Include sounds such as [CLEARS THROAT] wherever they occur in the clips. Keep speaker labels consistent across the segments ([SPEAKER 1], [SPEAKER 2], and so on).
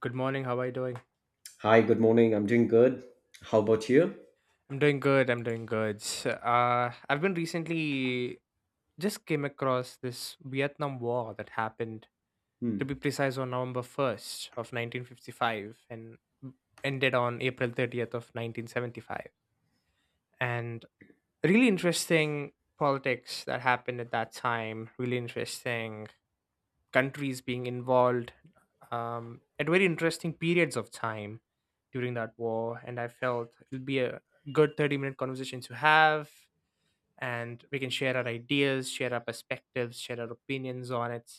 [SPEAKER 1] Good morning. How are you doing?
[SPEAKER 2] Hi, good morning. I'm doing good. How about you?
[SPEAKER 1] I'm doing good. I'm doing good. I've been recently just came across this Vietnam War that happened, to
[SPEAKER 2] Hmm.
[SPEAKER 1] be precise, on November 1st of 1955 and ended on April 30th of 1975. And really interesting politics that happened at that time. Really interesting countries being involved at very interesting periods of time during that war. And I felt it'll be a good 30-minute minute conversation to have. And we can share our ideas, share our perspectives, share our opinions on it.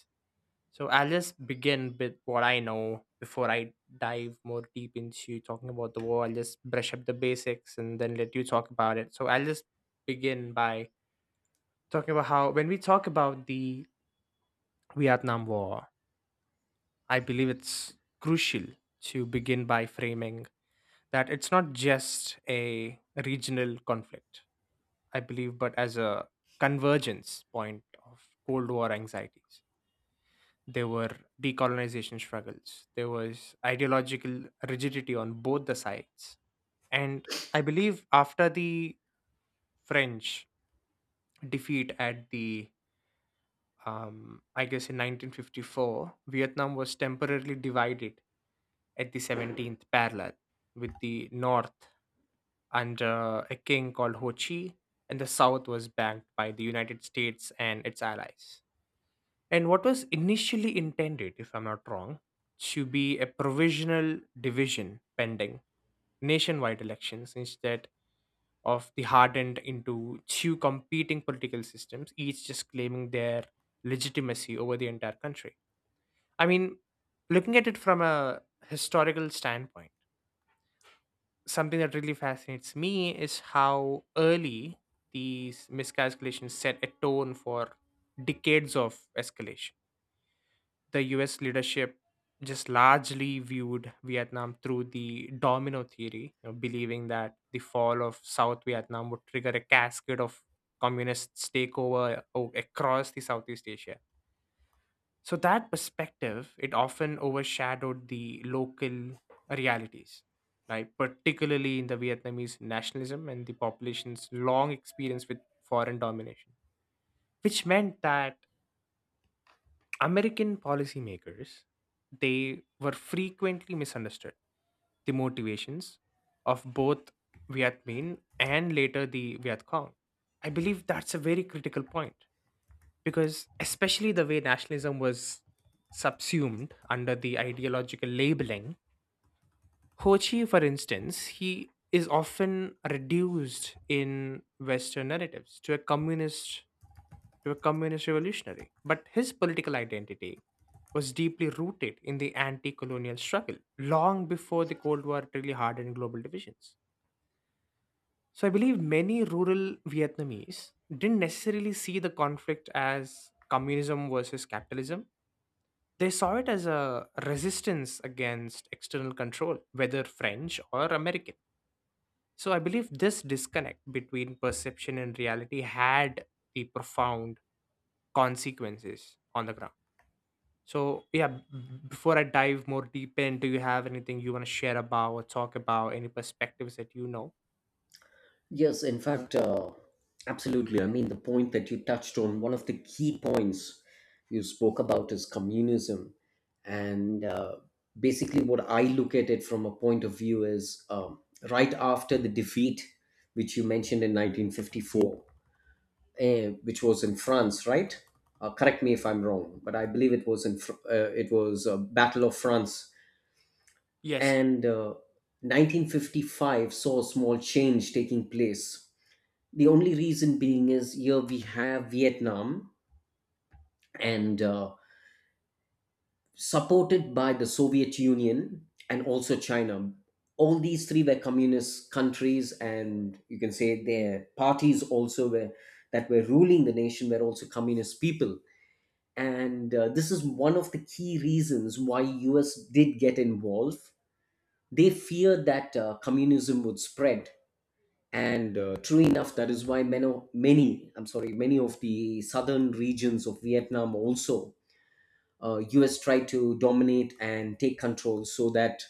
[SPEAKER 1] So I'll just begin with what I know before I dive more deep into talking about the war. I'll just brush up the basics and then let you talk about it. So I'll just begin by talking about how when we talk about the Vietnam War, I believe it's crucial to begin by framing that it's not just a regional conflict, I believe, but as a convergence point of Cold War anxieties. There were decolonization struggles, there was ideological rigidity on both the sides. And I believe after the French defeat at the, I guess in 1954, Vietnam was temporarily divided at the 17th parallel with the North under a king called Ho Chi, and the south was backed by the United States and its allies. And what was initially intended, if I'm not wrong, to be a provisional division pending nationwide elections instead of the hardened into two competing political systems, each just claiming their legitimacy over the entire country. I mean, looking at it from a historical standpoint, something that really fascinates me is how early these miscalculations set a tone for decades of escalation. The US leadership just largely viewed Vietnam through the domino theory, believing that the fall of South Vietnam would trigger a cascade of communist takeover across the Southeast Asia, so that perspective, it often overshadowed the local realities, right? Particularly in the Vietnamese nationalism and the population's long experience with foreign domination, which meant that American policymakers, they were frequently misunderstood. The motivations of both Viet Minh and later the Viet Cong. I believe that's a very critical point, because especially the way nationalism was subsumed under the ideological labeling. Ho Chi, for instance, he is often reduced in Western narratives to a communist, to a communist revolutionary, but his political identity was deeply rooted in the anti-colonial struggle long before the Cold War really hardened global divisions. So I believe many rural Vietnamese didn't necessarily see the conflict as communism versus capitalism. They saw it as a resistance against external control, whether French or American. So I believe this disconnect between perception and reality had the profound consequences on the ground. So yeah, before I dive more deep in, do you have anything you want to share about or talk about? Any perspectives that you know?
[SPEAKER 2] Yes, in fact, absolutely. I mean, the point that you touched on, one of the key points you spoke about is communism. And basically, what I look at it from a point of view is right after the defeat, which you mentioned in 1954, which was in France, right? Correct me if I'm wrong, but I believe it was in it was a Battle of France,
[SPEAKER 1] Yes.
[SPEAKER 2] and 1955 saw a small change taking place. The only reason being is here we have Vietnam, and supported by the Soviet Union and also China. All these three were communist countries, and you can say their parties also were that were ruling the nation were also communist people. And this is one of the key reasons why US did get involved. They feared that communism would spread, and true enough, that is why many I'm sorry many of the southern regions of Vietnam also, US tried to dominate and take control so that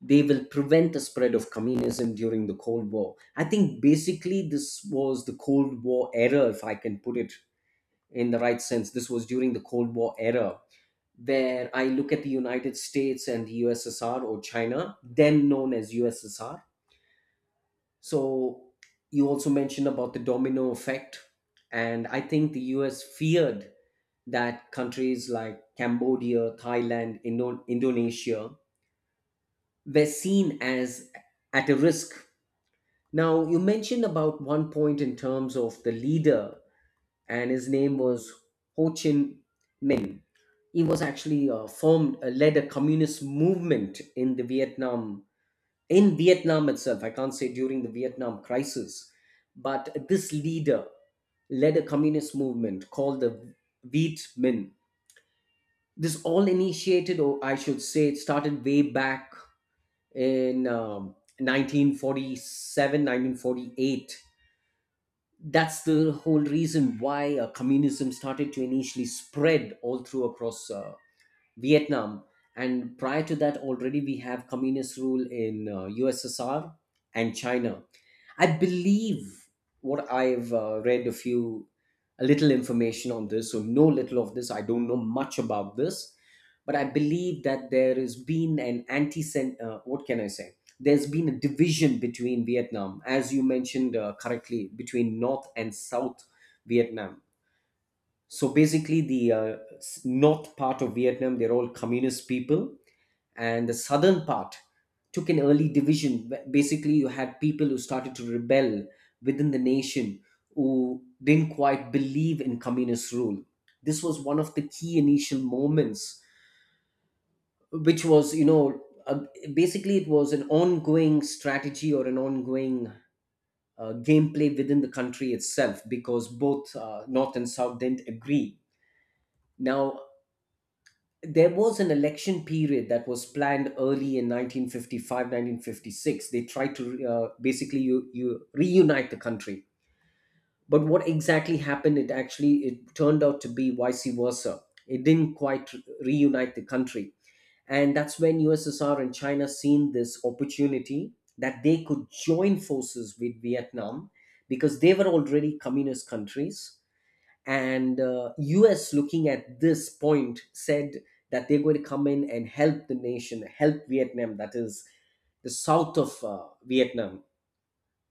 [SPEAKER 2] they will prevent the spread of communism during the Cold War. I think basically this was the Cold War era, if I can put it in the right sense. This was during the Cold War era, where I look at the United States and the USSR or China, then known as USSR. So you also mentioned about the domino effect, and I think the US feared that countries like Cambodia, Thailand, Indonesia were seen as at a risk. Now you mentioned about one point in terms of the leader, and his name was Ho Chi Minh. He was actually led a communist movement in the Vietnam in Vietnam itself. I can't say during the Vietnam crisis, but this leader led a communist movement called the Viet Minh. This all initiated, or I should say, it started way back in 1947. That's the whole reason why communism started to initially spread all through across Vietnam. And prior to that, already we have communist rule in USSR and China. I believe what I've read a few, a little information on this, so no little of this. I don't know much about this, but I believe that there has been an what can I say? There's been a division between Vietnam, as you mentioned correctly, between North and South Vietnam. So basically, the North part of Vietnam, they're all communist people, and the southern part took an early division. Basically, you had people who started to rebel within the nation who didn't quite believe in communist rule. This was one of the key initial moments, which was, you know, basically it was an ongoing strategy or an ongoing gameplay within the country itself because both North and South didn't agree. Now, there was an election period that was planned early in 1955, 1956. They tried to basically you reunite the country, but what exactly happened, it actually it turned out to be vice versa. It didn't quite reunite the country, and that's when USSR and China seen this opportunity that they could join forces with Vietnam because they were already communist countries. And US, looking at this point, said that they're going to come in and help the nation, help Vietnam, that is the south of Vietnam.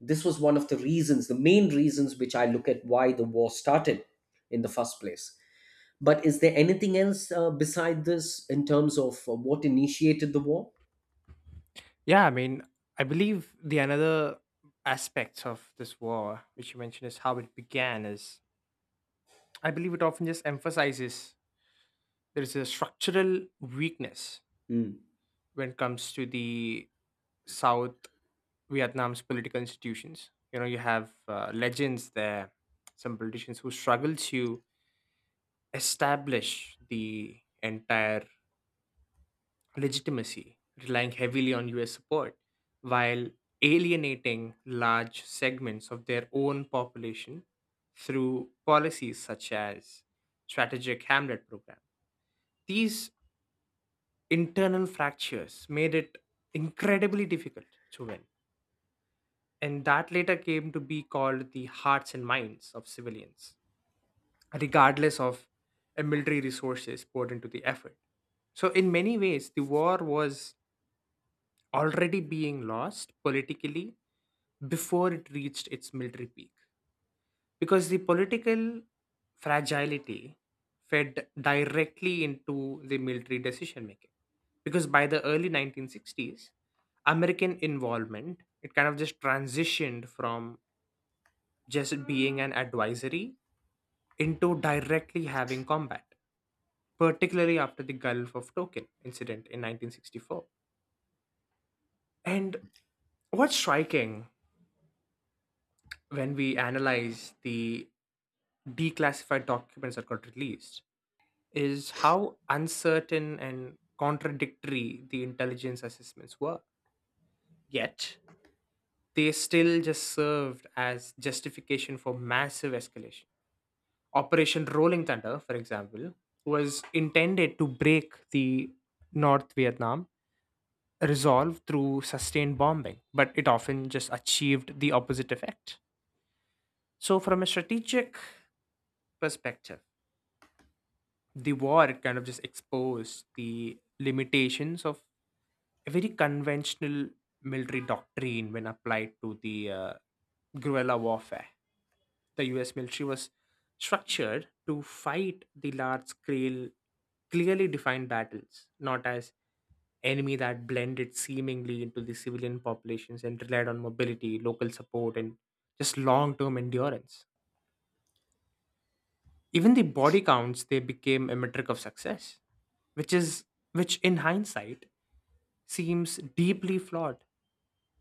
[SPEAKER 2] This was one of the reasons, the main reasons, which I look at why the war started in the first place. But is there anything else beside this in terms of what initiated the war?
[SPEAKER 1] Yeah, I mean, I believe the another aspects of this war, which you mentioned, is how it began. Is, I believe it often just emphasizes there is a structural weakness
[SPEAKER 2] Hmm.
[SPEAKER 1] when it comes to the South Vietnam's political institutions. You know, you have legends there, some politicians who struggle to establish the entire legitimacy, relying heavily on US support, while alienating large segments of their own population through policies such as strategic hamlet program. These internal fractures made it incredibly difficult to win, and that later came to be called the hearts and minds of civilians, regardless of military resources poured into the effort. So, in many ways, the war was already being lost politically before it reached its military peak, because the political fragility fed directly into the military decision making. Because by the early 1960s, American involvement it kind of just transitioned from just being an advisory into directly having combat, particularly after the Gulf of Tonkin incident in 1964. And what's striking when we analyze the declassified documents that got released is how uncertain and contradictory the intelligence assessments were. Yet, they still just served as justification for massive escalation. Operation Rolling Thunder, for example, was intended to break the North Vietnam resolve through sustained bombing, but it often just achieved the opposite effect. So, from a strategic perspective, the war kind of just exposed the limitations of a very conventional military doctrine when applied to the guerrilla warfare. The US military was structured to fight the large scale, clearly defined battles, not as enemy that blended seemingly into the civilian populations and relied on mobility, local support, and just long term endurance. Even the body counts they became a metric of success, which is which in hindsight seems deeply flawed,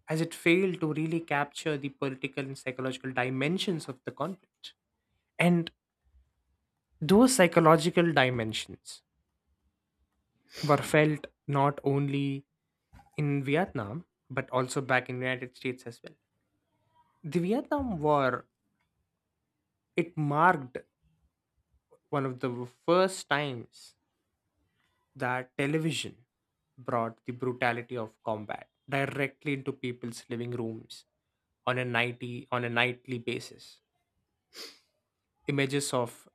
[SPEAKER 1] as it failed to really capture the political and psychological dimensions of the conflict. And those psychological dimensions were felt not only in Vietnam but also back in the United States as well. The Vietnam War, it marked one of the first times that television brought the brutality of combat directly into people's living rooms on a nightly basis. Images of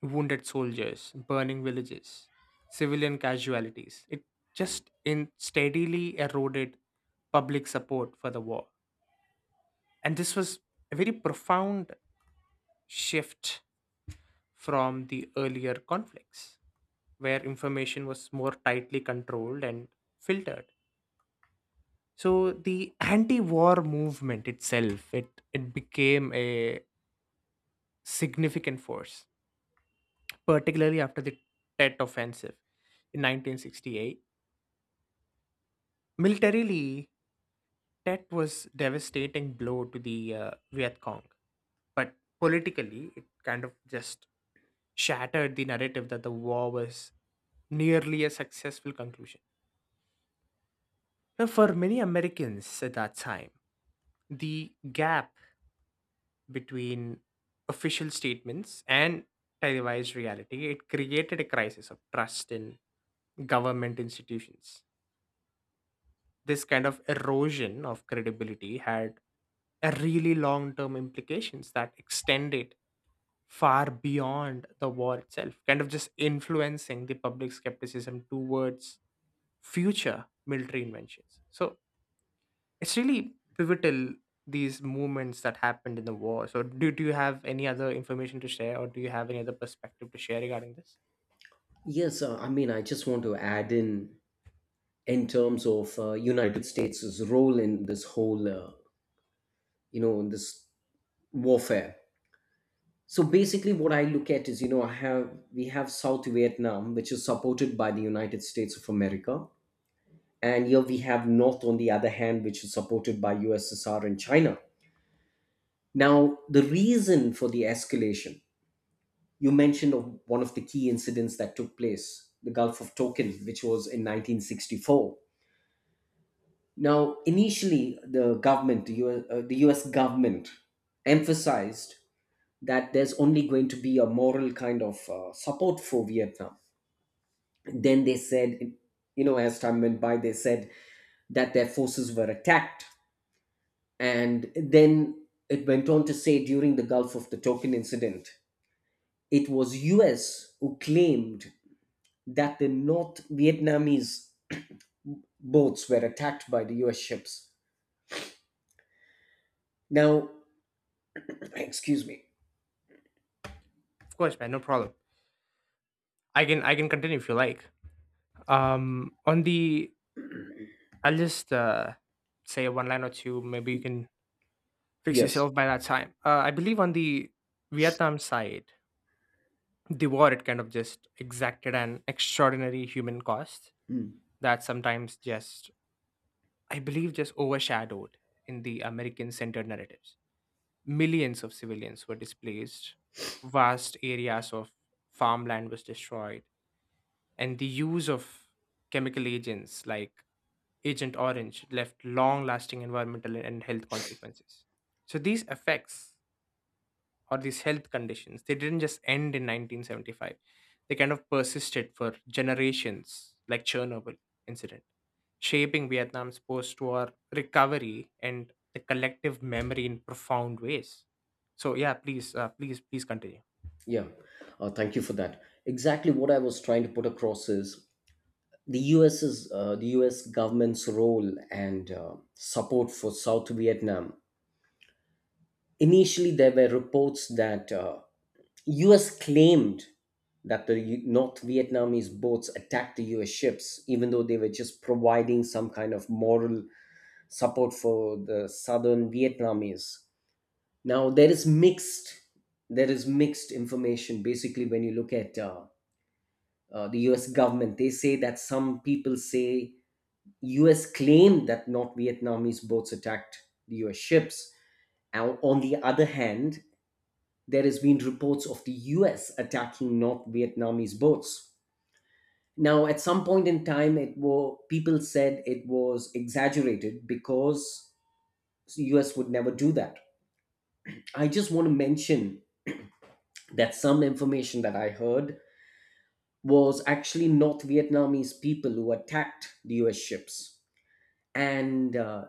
[SPEAKER 1] wounded soldiers, burning villages, civilian casualties. It just in steadily eroded public support for the war. And this was a very profound shift from the earlier conflicts, where information was more tightly controlled and filtered. So the anti-war movement itself, it became a significant force, particularly after the Tet offensive in 1968. Militarily, Tet was devastating blow to the Viet Cong, but politically, it kind of just shattered the narrative that the war was nearly a successful conclusion. Now, for many Americans at that time, the gap between official statements and televised reality, it created a crisis of trust in government institutions. This kind of erosion of credibility had a really long term implications that extended far beyond the war itself, kind of just influencing the public skepticism towards future military inventions. So, it's really pivotal, these movements that happened in the war. So do you have any other information to share, or do you have any other perspective to share regarding this?
[SPEAKER 2] Yes, I mean, I just want to add in terms of United States' role in this whole, you know, in this warfare. So basically, what I look at is, you know, I have we have South Vietnam, which is supported by the United States of America, and here we have North on the other hand, which is supported by USSR and China. Now the reason for the escalation, you mentioned of one of the key incidents that took place, the Gulf of Tonkin, which was in 1964. Now initially, the US, the US government emphasized that there's only going to be a moral kind of support for Vietnam. Then they said, you know, as time went by, they said that their forces were attacked. And then it went on to say, during the Gulf of the Tonkin incident, it was US who claimed that the North Vietnamese boats were attacked by the US ships. Now [CLEARS THROAT] excuse me.
[SPEAKER 1] Of course, man, no problem. I can continue if you like. On the, I'll just say one line or two, maybe you can fix
[SPEAKER 2] Yes.
[SPEAKER 1] yourself by that time. I believe on the Vietnam side, the war it kind of just exacted an extraordinary human cost
[SPEAKER 2] Mm,
[SPEAKER 1] that sometimes just I believe just overshadowed in the American centered narratives. Millions of civilians were displaced, vast areas of farmland was destroyed, and the use of chemical agents like Agent Orange left long lasting environmental and health consequences. So, these effects or these health conditions, they didn't just end in 1975. They kind of persisted for generations, like Chernobyl incident, shaping Vietnam's post-war recovery and the collective memory in profound ways. So yeah, please, please continue.
[SPEAKER 2] yeah, thank you for that. Exactly what I was trying to put across is the US's, the US government's role and support for South Vietnam. Initially, there were reports that US claimed that North Vietnamese boats attacked the US ships, even though they were just providing some kind of moral support for the Southern Vietnamese. Now there is mixed information. Basically, when you look at the US government, they say that some people say US claimed that North Vietnamese boats attacked the US ships. Now, on the other hand, there has been reports of the US attacking North Vietnamese boats. Now, at some point in time, people said it was exaggerated because US would never do that. I just want to mention that some information that I heard was actually North Vietnamese people who attacked the US ships. And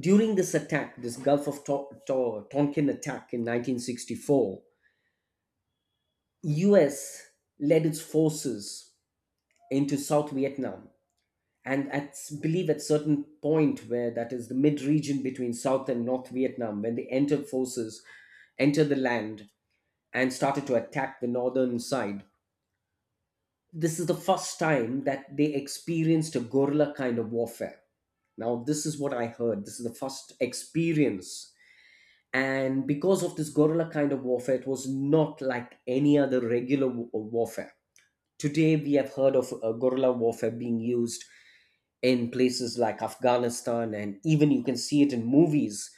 [SPEAKER 2] during this attack, this Gulf of Tonkin attack in 1964, US led its forces into South Vietnam. And I believe at certain point where that is the mid region between South and North Vietnam, when they entered forces, entered the land and started to attack the northern side, this is the first time that they experienced a guerrilla kind of warfare. Now, this is what I heard. This is the first experience, and because of this guerrilla kind of warfare, it was not like any other regular warfare. Today we have heard of guerrilla warfare being used in places like Afghanistan, and even you can see it in movies.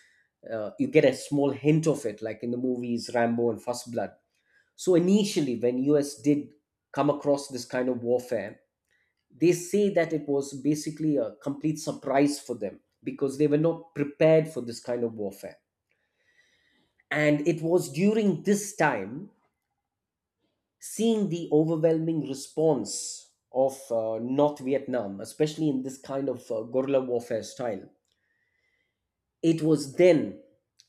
[SPEAKER 2] You get a small hint of it like in the movies Rambo and First Blood. So initially, when US did come across this kind of warfare, they say that it was basically a complete surprise for them because they were not prepared for this kind of warfare. And it was during this time, seeing the overwhelming response of North Vietnam, especially in this kind of guerrilla warfare style, it was then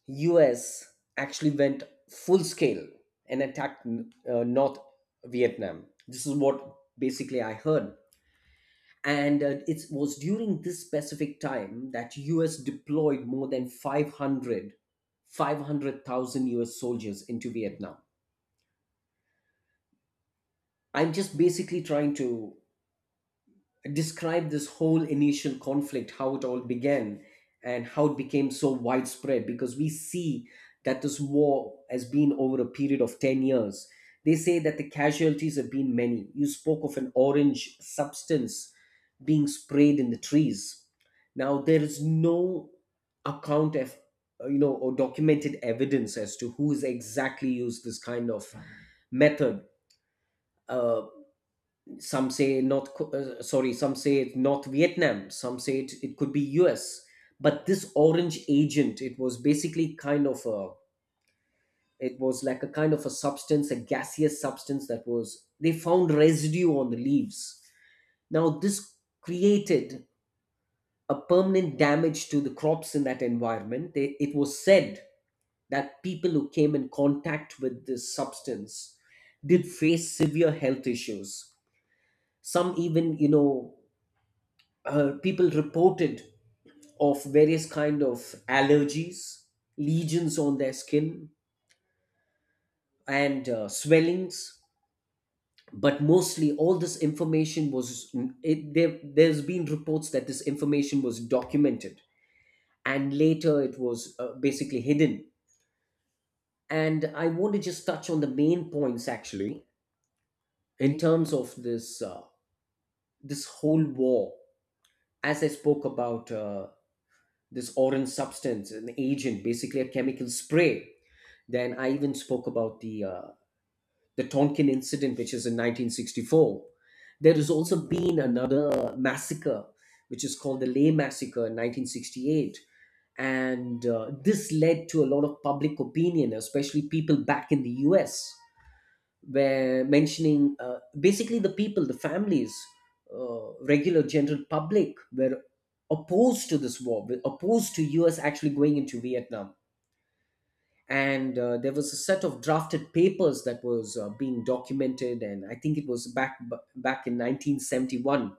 [SPEAKER 2] US actually went full scale and attacked North Vietnam. This is what basically I heard. And it was during this specific time that US deployed more than 500, 500,000 US soldiers into Vietnam. I'm just basically trying to describe this whole initial conflict, how it all began, and how it became so widespread. Because we see that this war has been over a period of 10 years. They say that the casualties have been many. You spoke of an orange substance being sprayed in the trees. Now, there is no account of, you know, or documented evidence as to who's exactly used this kind of method. Uh, some say north Co- sorry some say it's North Vietnam, some say it could be US. But this orange agent, it was basically kind of a, it was like a kind of a substance, a gaseous substance, that was they found residue on the leaves. Now this created a permanent damage to the crops in that environment. It was said that people who came in contact with this substance did face severe health issues. Some, even, you know, people reported of various kind of allergies, lesions on their skin, and swellings. But mostly all this information was, there's been reports that this information was documented, and later it was basically hidden. And I want to just touch on the main points actually in terms of this this whole war. As I spoke about this orange substance, an agent, basically a chemical spray. Then I even spoke about the Tonkin incident, which is in 1964. There has also been another massacre, which is called the Lay Massacre in 1968, and this led to a lot of public opinion, especially people back in the U.S. were mentioning basically the people, the families, regular general public were opposed to this war, were opposed to US actually going into Vietnam. And there was a set of drafted papers that was being documented, and I think it was back in 1971.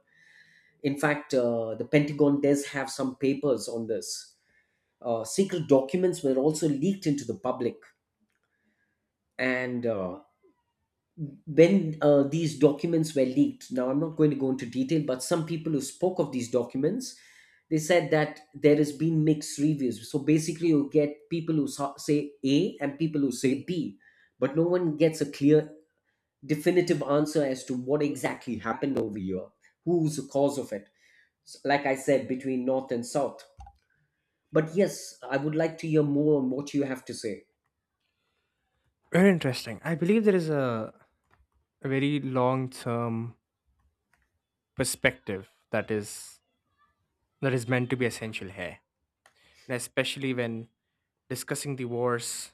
[SPEAKER 2] In fact, the Pentagon does have some papers on this. Secret documents were also leaked into the public, and when these documents were leaked. Now I'm not going to go into detail, but some people who spoke of these documents, they said that there has been mixed reviews. So basically, you get people who say A and people who say B, but no one gets a clear definitive answer as to what exactly happened over here, who's the cause of it. Like I said, between north and south. But yes, I would like to hear more on what you have to say.
[SPEAKER 1] Very interesting. I believe there is a very long term perspective that is meant to be essential here, and especially when discussing the war's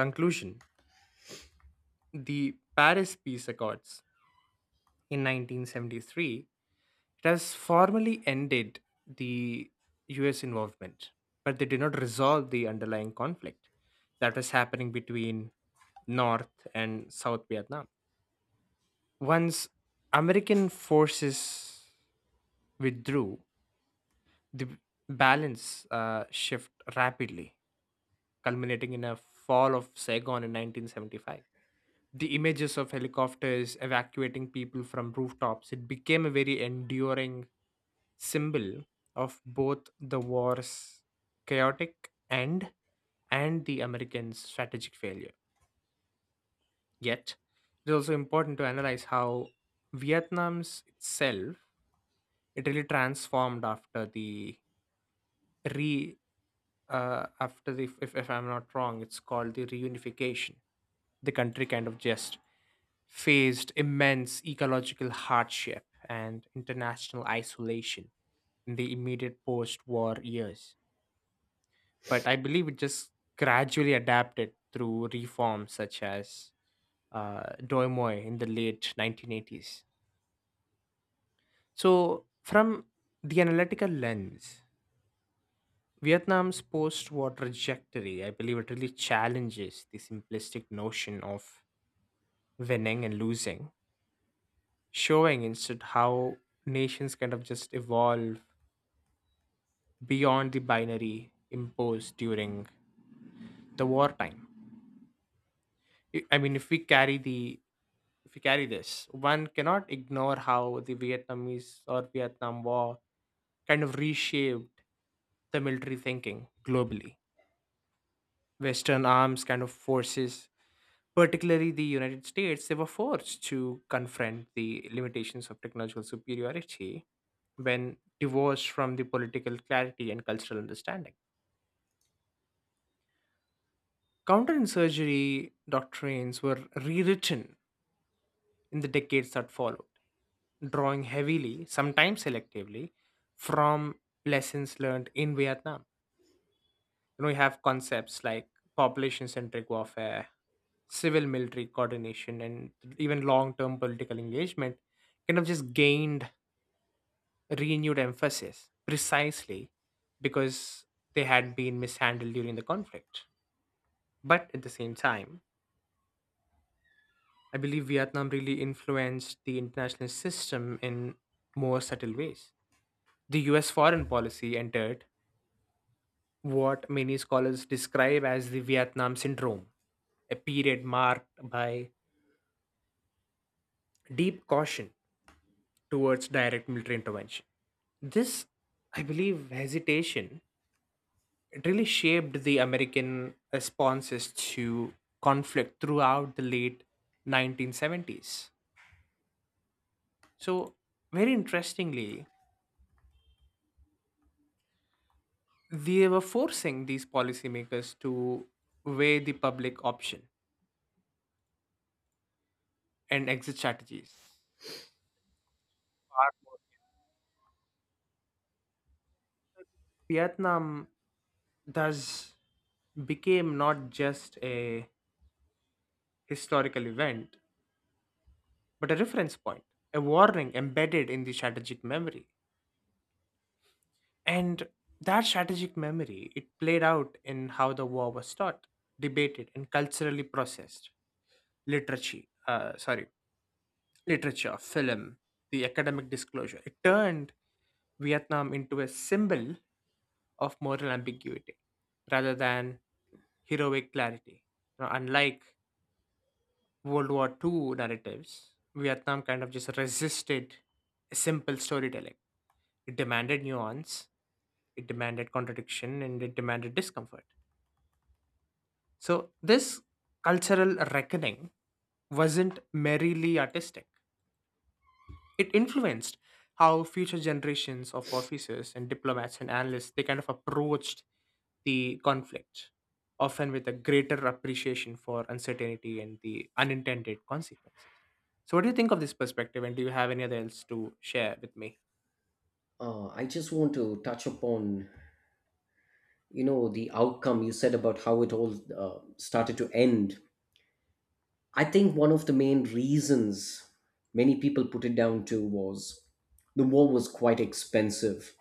[SPEAKER 1] conclusion. The Paris Peace Accords in 1973, it has formally ended the US involvement, but they did not resolve the underlying conflict that was happening between North and South Vietnam. Once American forces withdrew, the balance shift rapidly, culminating in a fall of Saigon in 1975. The images of helicopters evacuating people from rooftops, it became a very enduring symbol of both the war's chaotic end and the Americans strategic failure. Yet, it's also important to analyze how Vietnam's itself, it really transformed after the re if I'm not wrong it's called the reunification. The country kind of just faced immense ecological hardship and international isolation in the immediate post war years. But I believe it just gradually adapted through reforms such as Doimoy in the late 1980s. So, from the analytical lens, Vietnam's post war trajectory, I believe it really challenges the simplistic notion of winning and losing, showing instead how nations kind of just evolve beyond the binary imposed during the wartime. I mean, if we carry this, one cannot ignore how the Vietnamese or Vietnam War kind of reshaped the military thinking globally. Western arms kind of forces, particularly the United States, they were forced to confront the limitations of technological superiority when divorced from the political clarity and cultural understanding. Counterinsurgery doctrines were rewritten in the decades that followed, drawing heavily, sometimes selectively, from lessons learned in Vietnam. You know, you have concepts like population centric warfare, civil military coordination, and even long term political engagement kind of just gained renewed emphasis precisely because they had been mishandled during the conflict. But at the same time, I believe Vietnam really influenced the international system in more subtle ways. The US foreign policy entered what many scholars describe as the Vietnam syndrome, a period marked by deep caution towards direct military intervention. This, I believe, hesitation, it really shaped the American responses to conflict throughout the late 1970s. So, very interestingly, they were forcing these policymakers to weigh the public option and exit strategies. Vietnam thus became not just a historical event, but a reference point, a warning embedded in the strategic memory. And that strategic memory, it played out in how the war was taught, debated, and culturally processed. Literature, literature, film, the academic disclosure. It turned Vietnam into a symbol of moral ambiguity rather than heroic clarity. You know, unlike World War II narratives, Vietnam kind of just resisted a simple storytelling. It demanded nuance, it demanded contradiction, and it demanded discomfort. So, this cultural reckoning wasn't merely artistic, it influenced how future generations of officers and diplomats and analysts, they kind of approached the conflict, often with a greater appreciation for uncertainty and the unintended consequences. So, what do you think of this perspective, and do you have any other else to share with me?
[SPEAKER 2] I just want to touch upon, you know, the outcome you said about how it all started to end. I think one of the main reasons many people put it down to was the war was quite expensive,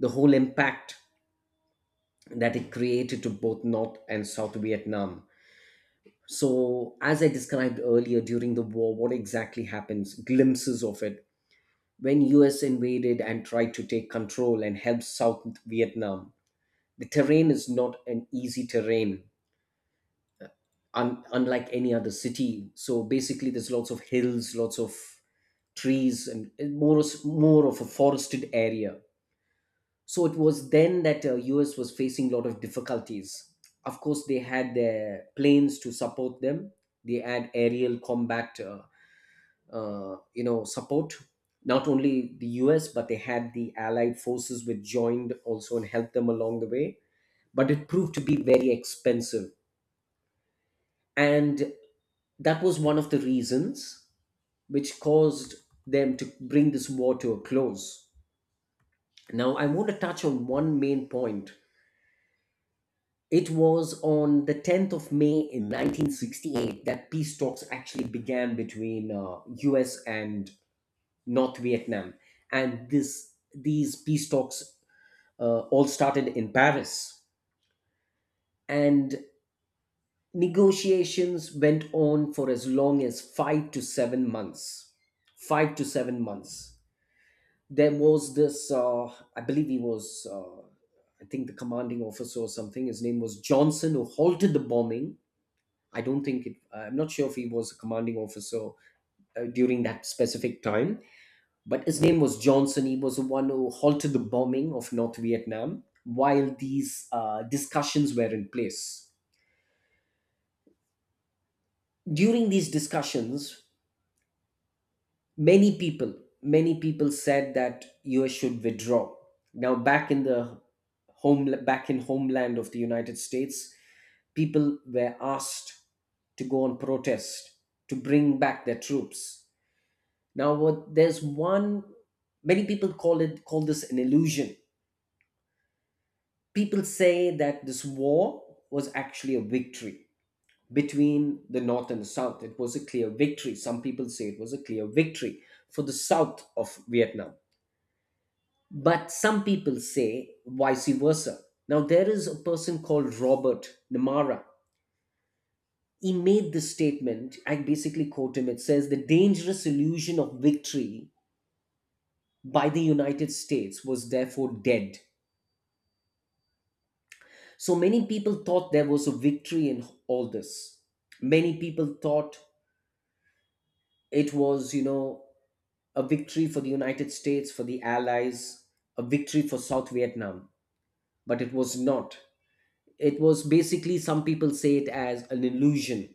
[SPEAKER 2] the whole impact that it created to both north and south Vietnam. So as I described earlier, during the war what exactly happens, glimpses of it, when US invaded and tried to take control and help south Vietnam, the terrain is not an easy terrain. Unlike any other city. So basically, there's lots of hills, lots of trees, and more of a forested area. So it was then that US was facing a lot of difficulties. Of course, they had their planes to support them. They had aerial combat, you know, support. Not only the US, but they had the Allied forces, which joined also and helped them along the way. But it proved to be very expensive, and that was one of the reasons which caused them to bring this war to a close. Now, I want to touch on one main point. It was on the 10th of May in 1968 that peace talks actually began between US and North Vietnam. These peace talks all started in Paris. And negotiations went on for as long as 5 to 7 months. 5 to 7 months. There was this, I believe he was, I think the commanding officer or something, his name was Johnson, who halted the bombing. I don't think it, I'm not sure if he was a commanding officer during that specific time, but his name was Johnson. He was the one who halted the bombing of North Vietnam while these discussions were in place. During these discussions, many people many people said that US should withdraw. Now, back in homeland of the United States, people were asked to go on protest to bring back their troops. Now what there's one Many people call this an illusion. People say that this war was actually a victory. Between the north and the south, it was a clear victory. Some people say it was a clear victory for the south of Vietnam. But some people say vice versa. Now, there is a person called Robert Namara. He made this statement. I basically quote him. It says, "The dangerous illusion of victory by the United States was therefore dead." So many people thought there was a victory in all this. Many people thought it was, you know, a victory for the United States, for the Allies, a victory for South Vietnam. But it was not. It was basically, some people say it as an illusion.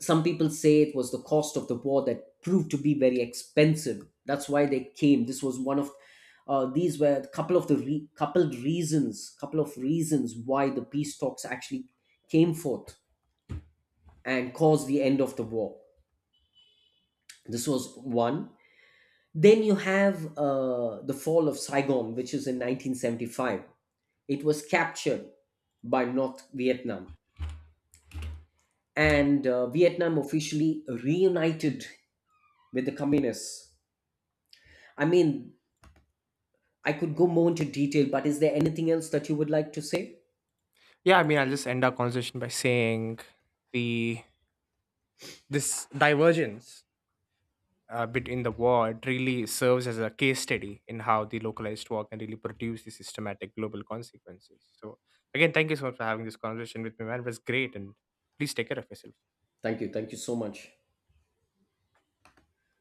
[SPEAKER 2] Some people say it was the cost of the war that proved to be very expensive. That's why they came. This was one of, these were a couple of the re- coupled reasons, couple of reasons why the peace talks actually came forth and caused the end of the war. This was one. Then you have the fall of Saigon, which is in 1975. It was captured by North Vietnam, and Vietnam officially reunited with the communists. I mean, I could go more into detail, but is there anything else that you would like to say?
[SPEAKER 1] Yeah, I mean, I'll just end our conversation by saying the this divergence between the war, it really serves as a case study in how the localized war can really produce the systematic global consequences. So, again, thank you so much for having this conversation with me, man. It was great, and please take care of yourself.
[SPEAKER 2] Thank you. Thank you so much.